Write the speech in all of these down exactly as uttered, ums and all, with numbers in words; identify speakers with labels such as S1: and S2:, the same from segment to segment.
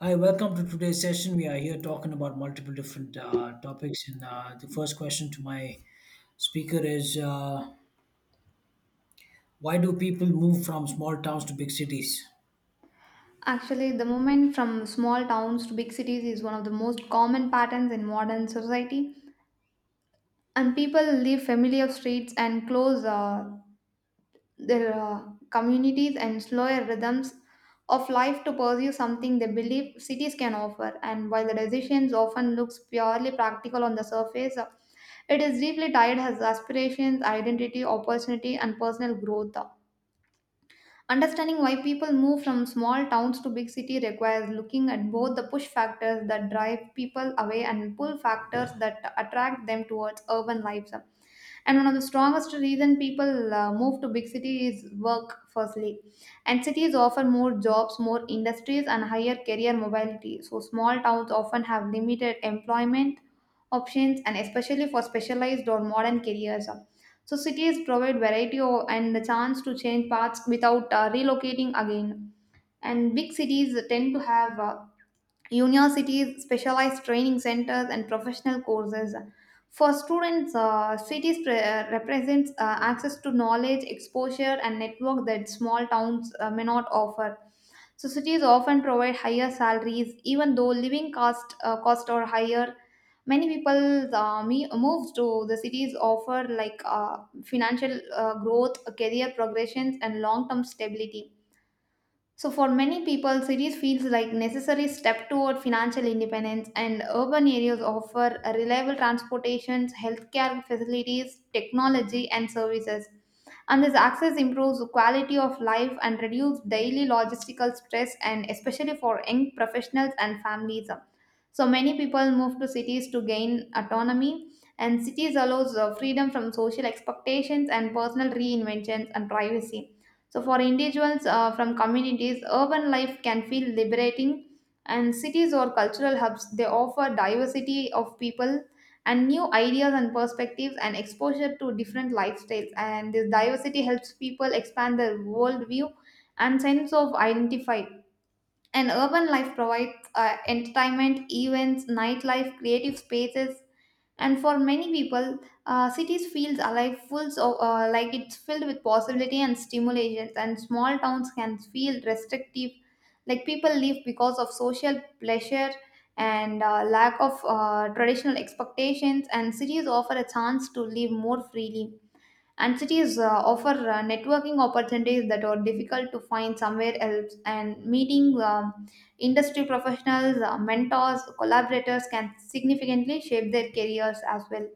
S1: Hi, welcome to today's session. We are here talking about multiple different uh, topics. And uh, the first question to my speaker is uh, why do people move from small towns to big cities?
S2: Actually, the movement from small towns to big cities is one of the most common patterns in modern society, and people leave familiar streets and close uh, their uh, communities and slower rhythms of life to pursue something they believe cities can offer. And while the decisions often looks purely practical on the surface, uh, it is deeply tied as aspirations, identity, opportunity, and personal growth. Understanding why people move from small towns to big city requires looking at both the push factors that drive people away and pull factors that attract them towards urban lives, and one of the strongest reason people uh, move to big cities is work firstly, and cities offer more jobs, more industries, and higher career mobility. So small towns often have limited employment options, and especially for specialized or modern careers, so cities provide variety o- and the chance to change paths without uh, relocating again. And big cities tend to have uh, universities, specialized training centers, and professional courses. For students, uh, cities pre- uh, represents uh, access to knowledge, exposure, and network that small towns uh, may not offer. So cities often provide higher salaries, even though living cost uh, cost are higher. Many people uh, me- move to the cities offer like uh, financial uh, growth, career progressions, and long-term stability, so for many people, cities feels like necessary step toward financial independence, and urban areas offer a reliable transportation, healthcare facilities, technology and services. And this access improves the quality of life and reduces daily logistical stress, and especially for young professionals and families. So many people move to cities to gain autonomy, and cities allows uh, freedom from social expectations and personal reinventions and privacy. So, for individuals uh, from communities, urban life can feel liberating, and cities or cultural hubs, they offer diversity of people and new ideas and perspectives and exposure to different lifestyles. And this diversity helps people expand their worldview and sense of identify. And urban life provides uh, entertainment, events, nightlife, creative spaces, and for many people, uh, cities feels alive full, so uh, like it's filled with possibility and stimulations, and small towns can feel restrictive, like people live because of social pleasure and uh, lack of uh, traditional expectations, and cities offer a chance to live more freely. And cities uh, offer uh, networking opportunities that are difficult to find somewhere else. And meeting um, industry professionals, uh, mentors, collaborators can significantly shape their careers as well.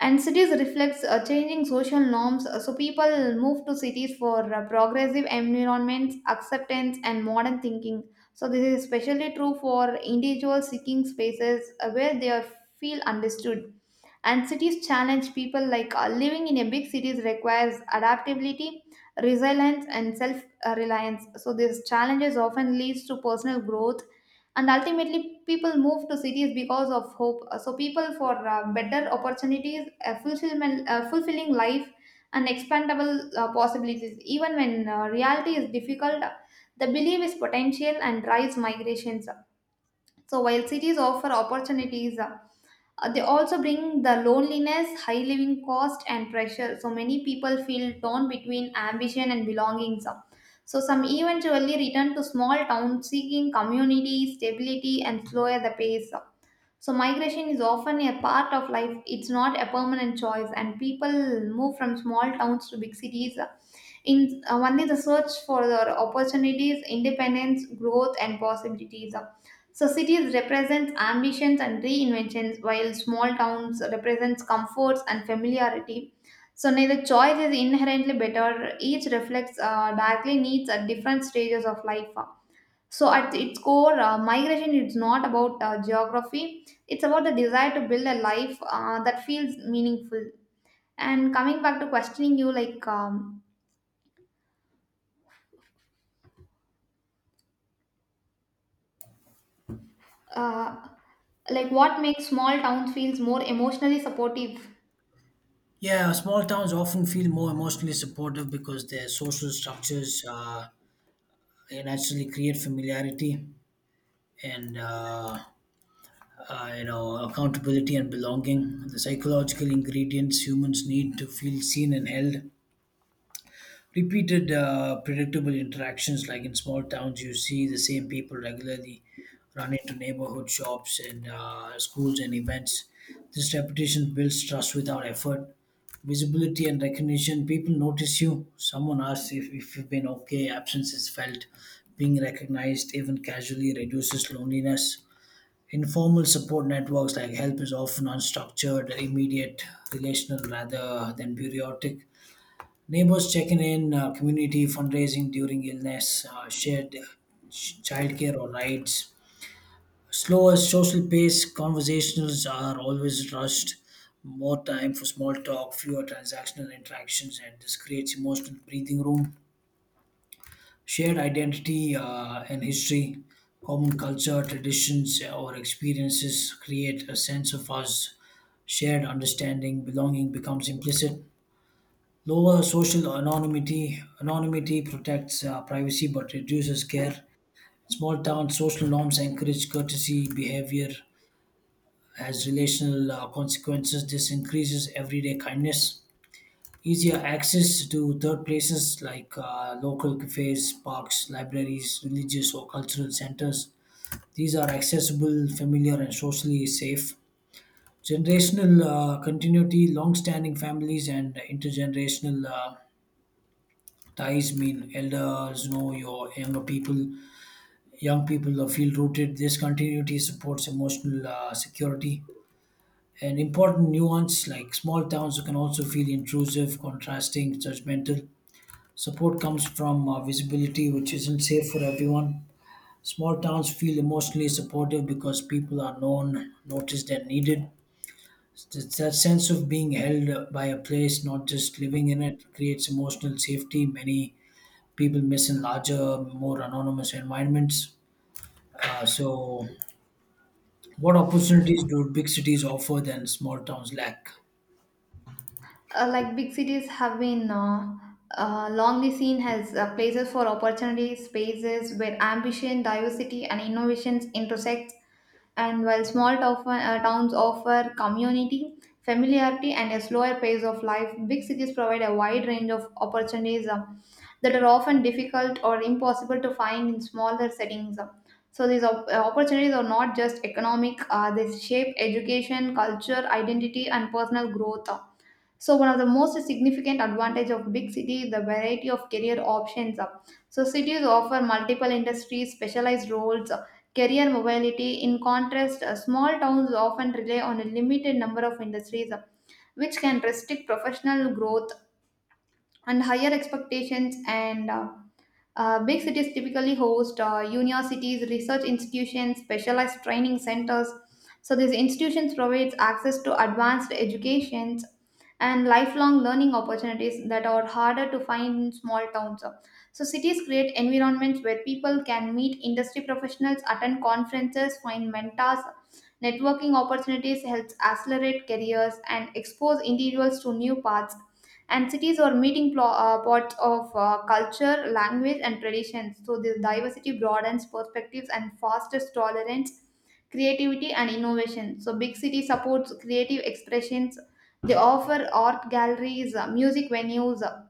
S2: And cities reflects uh, changing social norms, uh, so people move to cities for uh, progressive environments, acceptance, and modern thinking. So this is especially true for individuals seeking spaces uh, where they are- feel understood. And cities challenge people, like uh, living in a big cities requires adaptability, resilience, and self uh, reliance, so these challenges often leads to personal growth. And ultimately people move to cities because of hope. Uh, so people for uh, better opportunities, a fulfillment uh, fulfilling life and expandable uh, possibilities. Even when uh, reality is difficult, the belief is potential and drives migrations. So while cities offer opportunities, uh, uh, they also bring the loneliness, high living cost, and pressure. So many people feel torn between ambition and belongings. So some eventually return to small towns seeking community, stability, and slower the pace. So migration is often a part of life. It's not a permanent choice, and people move from small towns to big cities uh, in uh, One is the search for the opportunities, independence, growth, and possibilities. So cities represents ambitions and reinventions, while small towns represents comforts and familiarity. So neither choice is inherently better. Each reflects uh, directly needs at different stages of life. So at its core, uh, migration is not about uh, geography. It's about the desire to build a life uh, that feels meaningful. And coming back to questioning you, like um, Uh, like what makes small towns feels more emotionally supportive.
S1: Yeah, small towns often feel more emotionally supportive because their social structures uh, they naturally create familiarity and uh, uh, you know accountability and belonging. The psychological ingredients humans need to feel seen and held. Repeated, uh, predictable interactions, like in small towns, you see the same people regularly, run into neighborhood shops and uh, schools and events. This repetition builds trust without effort. Visibility and recognition, people notice you. Someone asks if, if you've been okay, absence is felt. Being recognized, even casually, reduces loneliness. Informal support networks, like help is often unstructured, immediate, relational rather than periodic. Neighbors checking in, uh, community fundraising during illness, uh, shared ch- childcare or rides. Slower social pace, conversations are always rushed. More time for small talk, fewer transactional interactions, and this creates emotional breathing room. Shared identity uh, and history, common culture, traditions, uh, or experiences create a sense of us. Shared understanding, belonging becomes implicit. Lower social anonymity, anonymity protects uh, privacy but reduces care. Small town social norms encourage courtesy behavior as relational uh, consequences. This increases everyday kindness. Easier access to third places, like uh, local cafes, parks, libraries, religious or cultural centers. These are accessible, familiar, and socially safe. Generational uh, continuity, long standing families, and intergenerational uh, ties mean elders know your younger people, young people are feel rooted. This continuity supports emotional uh, security. An important nuance, like small towns can also feel intrusive, contrasting, judgmental. Support comes from uh, visibility, which isn't safe for everyone. Small towns feel emotionally supportive because people are known, noticed, and needed. That, that sense of being held by a place, not just living in it, creates emotional safety many people miss in larger, more anonymous environments. Uh, so, what opportunities do big cities offer that small towns lack?
S2: Uh, like big cities have been uh, uh, longly seen as uh, places for opportunities, spaces where ambition, diversity, and innovations intersect. And while small tof- uh, towns offer community, familiarity, and a slower pace of life, big cities provide a wide range of opportunities uh, that are often difficult or impossible to find in smaller settings. So these op- uh, opportunities are not just economic; uh, they shape education, culture, identity, and personal growth. So one of the most significant advantage of big city is the variety of career options. So cities offer multiple industries, specialized roles, career mobility. In contrast, uh, small towns often rely on a limited number of industries, uh, which can restrict professional growth and higher expectations. And uh, uh, Big cities typically host uh, universities, research institutions, specialized training centers. So these institutions provides access to advanced educations and lifelong learning opportunities that are harder to find in small towns. So cities create environments where people can meet industry professionals, attend conferences, find mentors. Networking opportunities helps accelerate careers and expose individuals to new paths. And cities are meeting plo- uh, pots of uh, culture, language, and traditions. So this diversity broadens perspectives and fosters tolerance, creativity, and innovation. So big city supports creative expressions. They offer art galleries, uh, music venues, uh,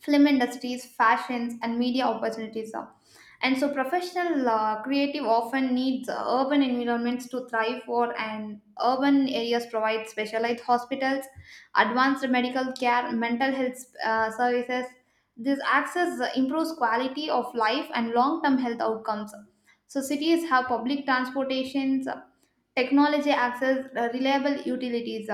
S2: film industries, fashions, and media opportunities are. And so, professional uh, creative often needs uh, urban environments to thrive for, and urban areas provide specialized hospitals, advanced medical care, mental health uh, services. This access uh, improves quality of life and long term health outcomes. So, cities have public transportations, technology access, uh, reliable utilities.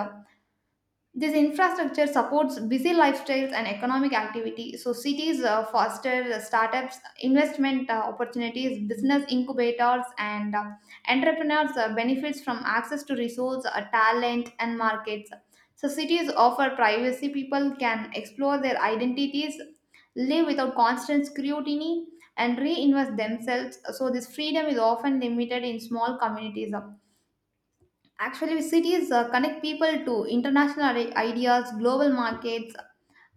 S2: This infrastructure supports busy lifestyles and economic activity, so cities uh, foster startups, investment uh, opportunities, business incubators, and uh, entrepreneurs uh, benefits from access to resource, uh, talent, and markets. So cities offer privacy; people can explore their identities, live without constant scrutiny, and reinvest themselves. So this freedom is often limited in small communities. Actually, cities uh, connect people to international i- ideas, global markets,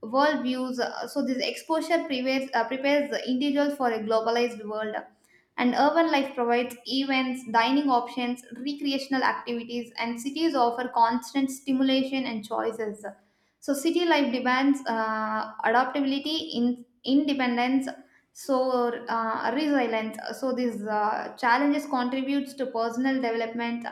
S2: world views. Uh, So, this exposure prepares, uh, prepares the individual for a globalized world. And urban life provides events, dining options, recreational activities, and cities offer constant stimulation and choices. So, city life demands uh, adaptability, in, independence, so uh, resilience. So, these uh, challenges contributes to personal development.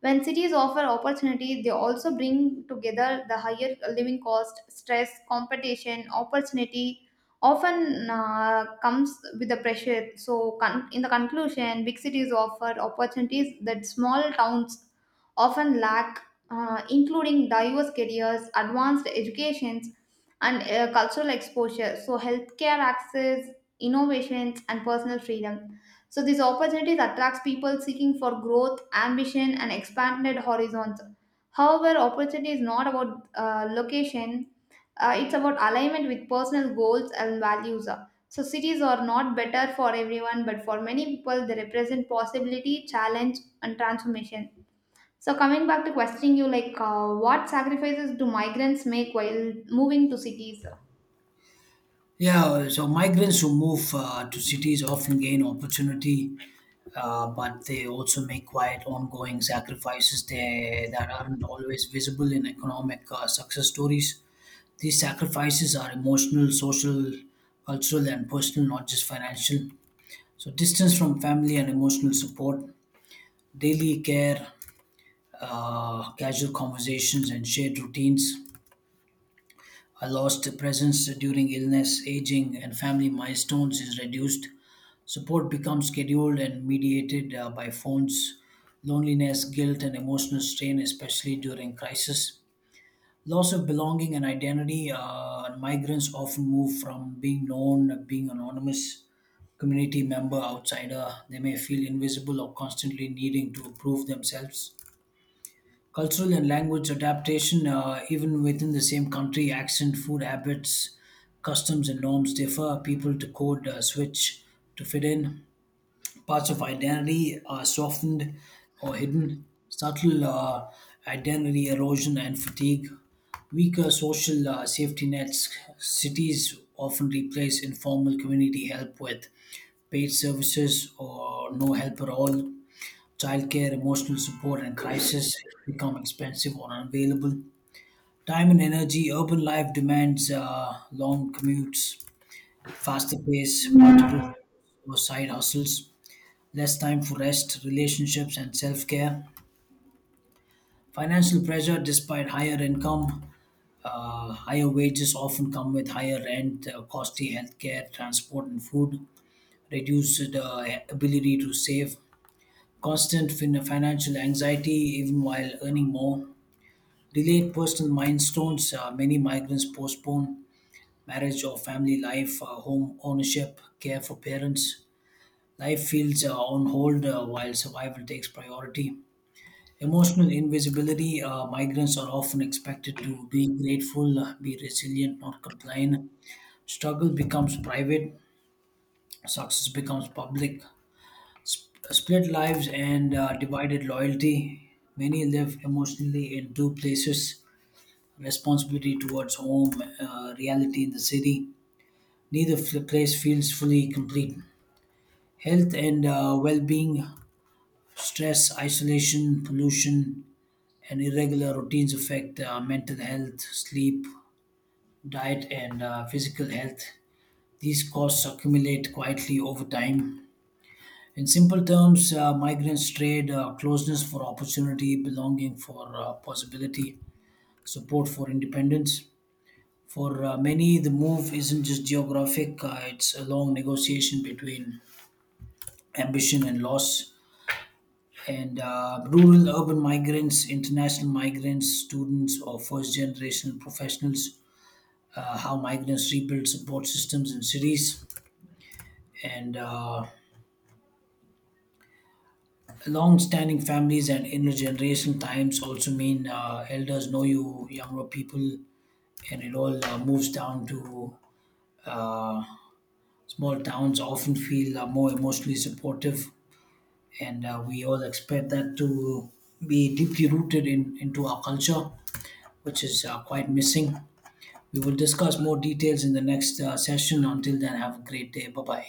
S2: When cities offer opportunity, they also bring together the higher living cost, stress, competition, opportunity often uh, comes with the pressure. So, con- in the conclusion, big cities offer opportunities that small towns often lack, uh, including diverse careers, advanced educations, and uh, cultural exposure. So, healthcare access, innovations, and personal freedom. So these opportunities attracts people seeking for growth, ambition, and expanded horizons. However, opportunity is not about uh, location; uh, it's about alignment with personal goals and values. So cities are not better for everyone, but for many people, they represent possibility, challenge, and transformation. So coming back to questioning you, like uh, what sacrifices do migrants make while moving to cities?
S1: Yeah, so migrants who move uh, to cities often gain opportunity, uh, but they also make quiet, ongoing sacrifices they, that aren't always visible in economic uh, success stories. These sacrifices are emotional, social, cultural, and personal, not just financial. So, distance from family and emotional support, daily care, uh, casual conversations, and shared routines. I lost presence during illness, aging, and family milestones is reduced. Support becomes scheduled and mediated uh, by phones. Loneliness, guilt, and emotional strain, especially during crisis. Loss of belonging and identity. Uh, migrants often move from being known, being anonymous, community member, outsider. They may feel invisible or constantly needing to prove themselves. Cultural and language adaptation, uh, even within the same country, accent, food habits, customs, and norms differ. People to code uh, switch to fit in. Parts of identity are softened or hidden. Subtle uh, identity erosion and fatigue. Weaker social uh, safety nets. Cities often replace informal community help with paid services or no help at all. Childcare, emotional support, and crisis become expensive or unavailable. Time and energy, urban life demands uh, long commutes, faster pace, multiple or side hustles, less time for rest, relationships, and self care. Financial pressure, despite higher income, uh, higher wages often come with higher rent, uh, costly healthcare, transport, and food, reduced uh, ability to save, constant fin- financial anxiety even while earning more. Delayed personal milestones. Uh, many migrants postpone marriage or family life, uh, home ownership, care for parents. Life feels uh, on hold uh, while survival takes priority. Emotional invisibility. Uh, migrants are often expected to be grateful, uh, be resilient, not complain. Struggle becomes private, success becomes public. Sp- split lives and uh, divided loyalty. Many live emotionally in two places, responsibility towards home, uh, reality in the city. Neither f- place feels fully complete. Health and uh, well being, stress, isolation, pollution, and irregular routines affect uh, mental health, sleep, diet, and uh, physical health. These costs accumulate quietly over time. In simple terms, uh, migrants trade uh, closeness for opportunity, belonging for uh, possibility, support for independence. For uh, many, the move isn't just geographic, uh, it's a long negotiation between ambition and loss. And uh, rural urban migrants, international migrants, students, or first generation professionals, uh, how migrants rebuild support systems in cities. And uh, long standing families and intergenerational times also mean uh, elders know you, younger people, and it all uh, moves down to uh, small towns often feel uh, more emotionally supportive, and uh, we all expect that to be deeply rooted in into our culture, which is uh, quite missing. We will discuss more details in the next uh, session. Until then, have a great day. Bye bye.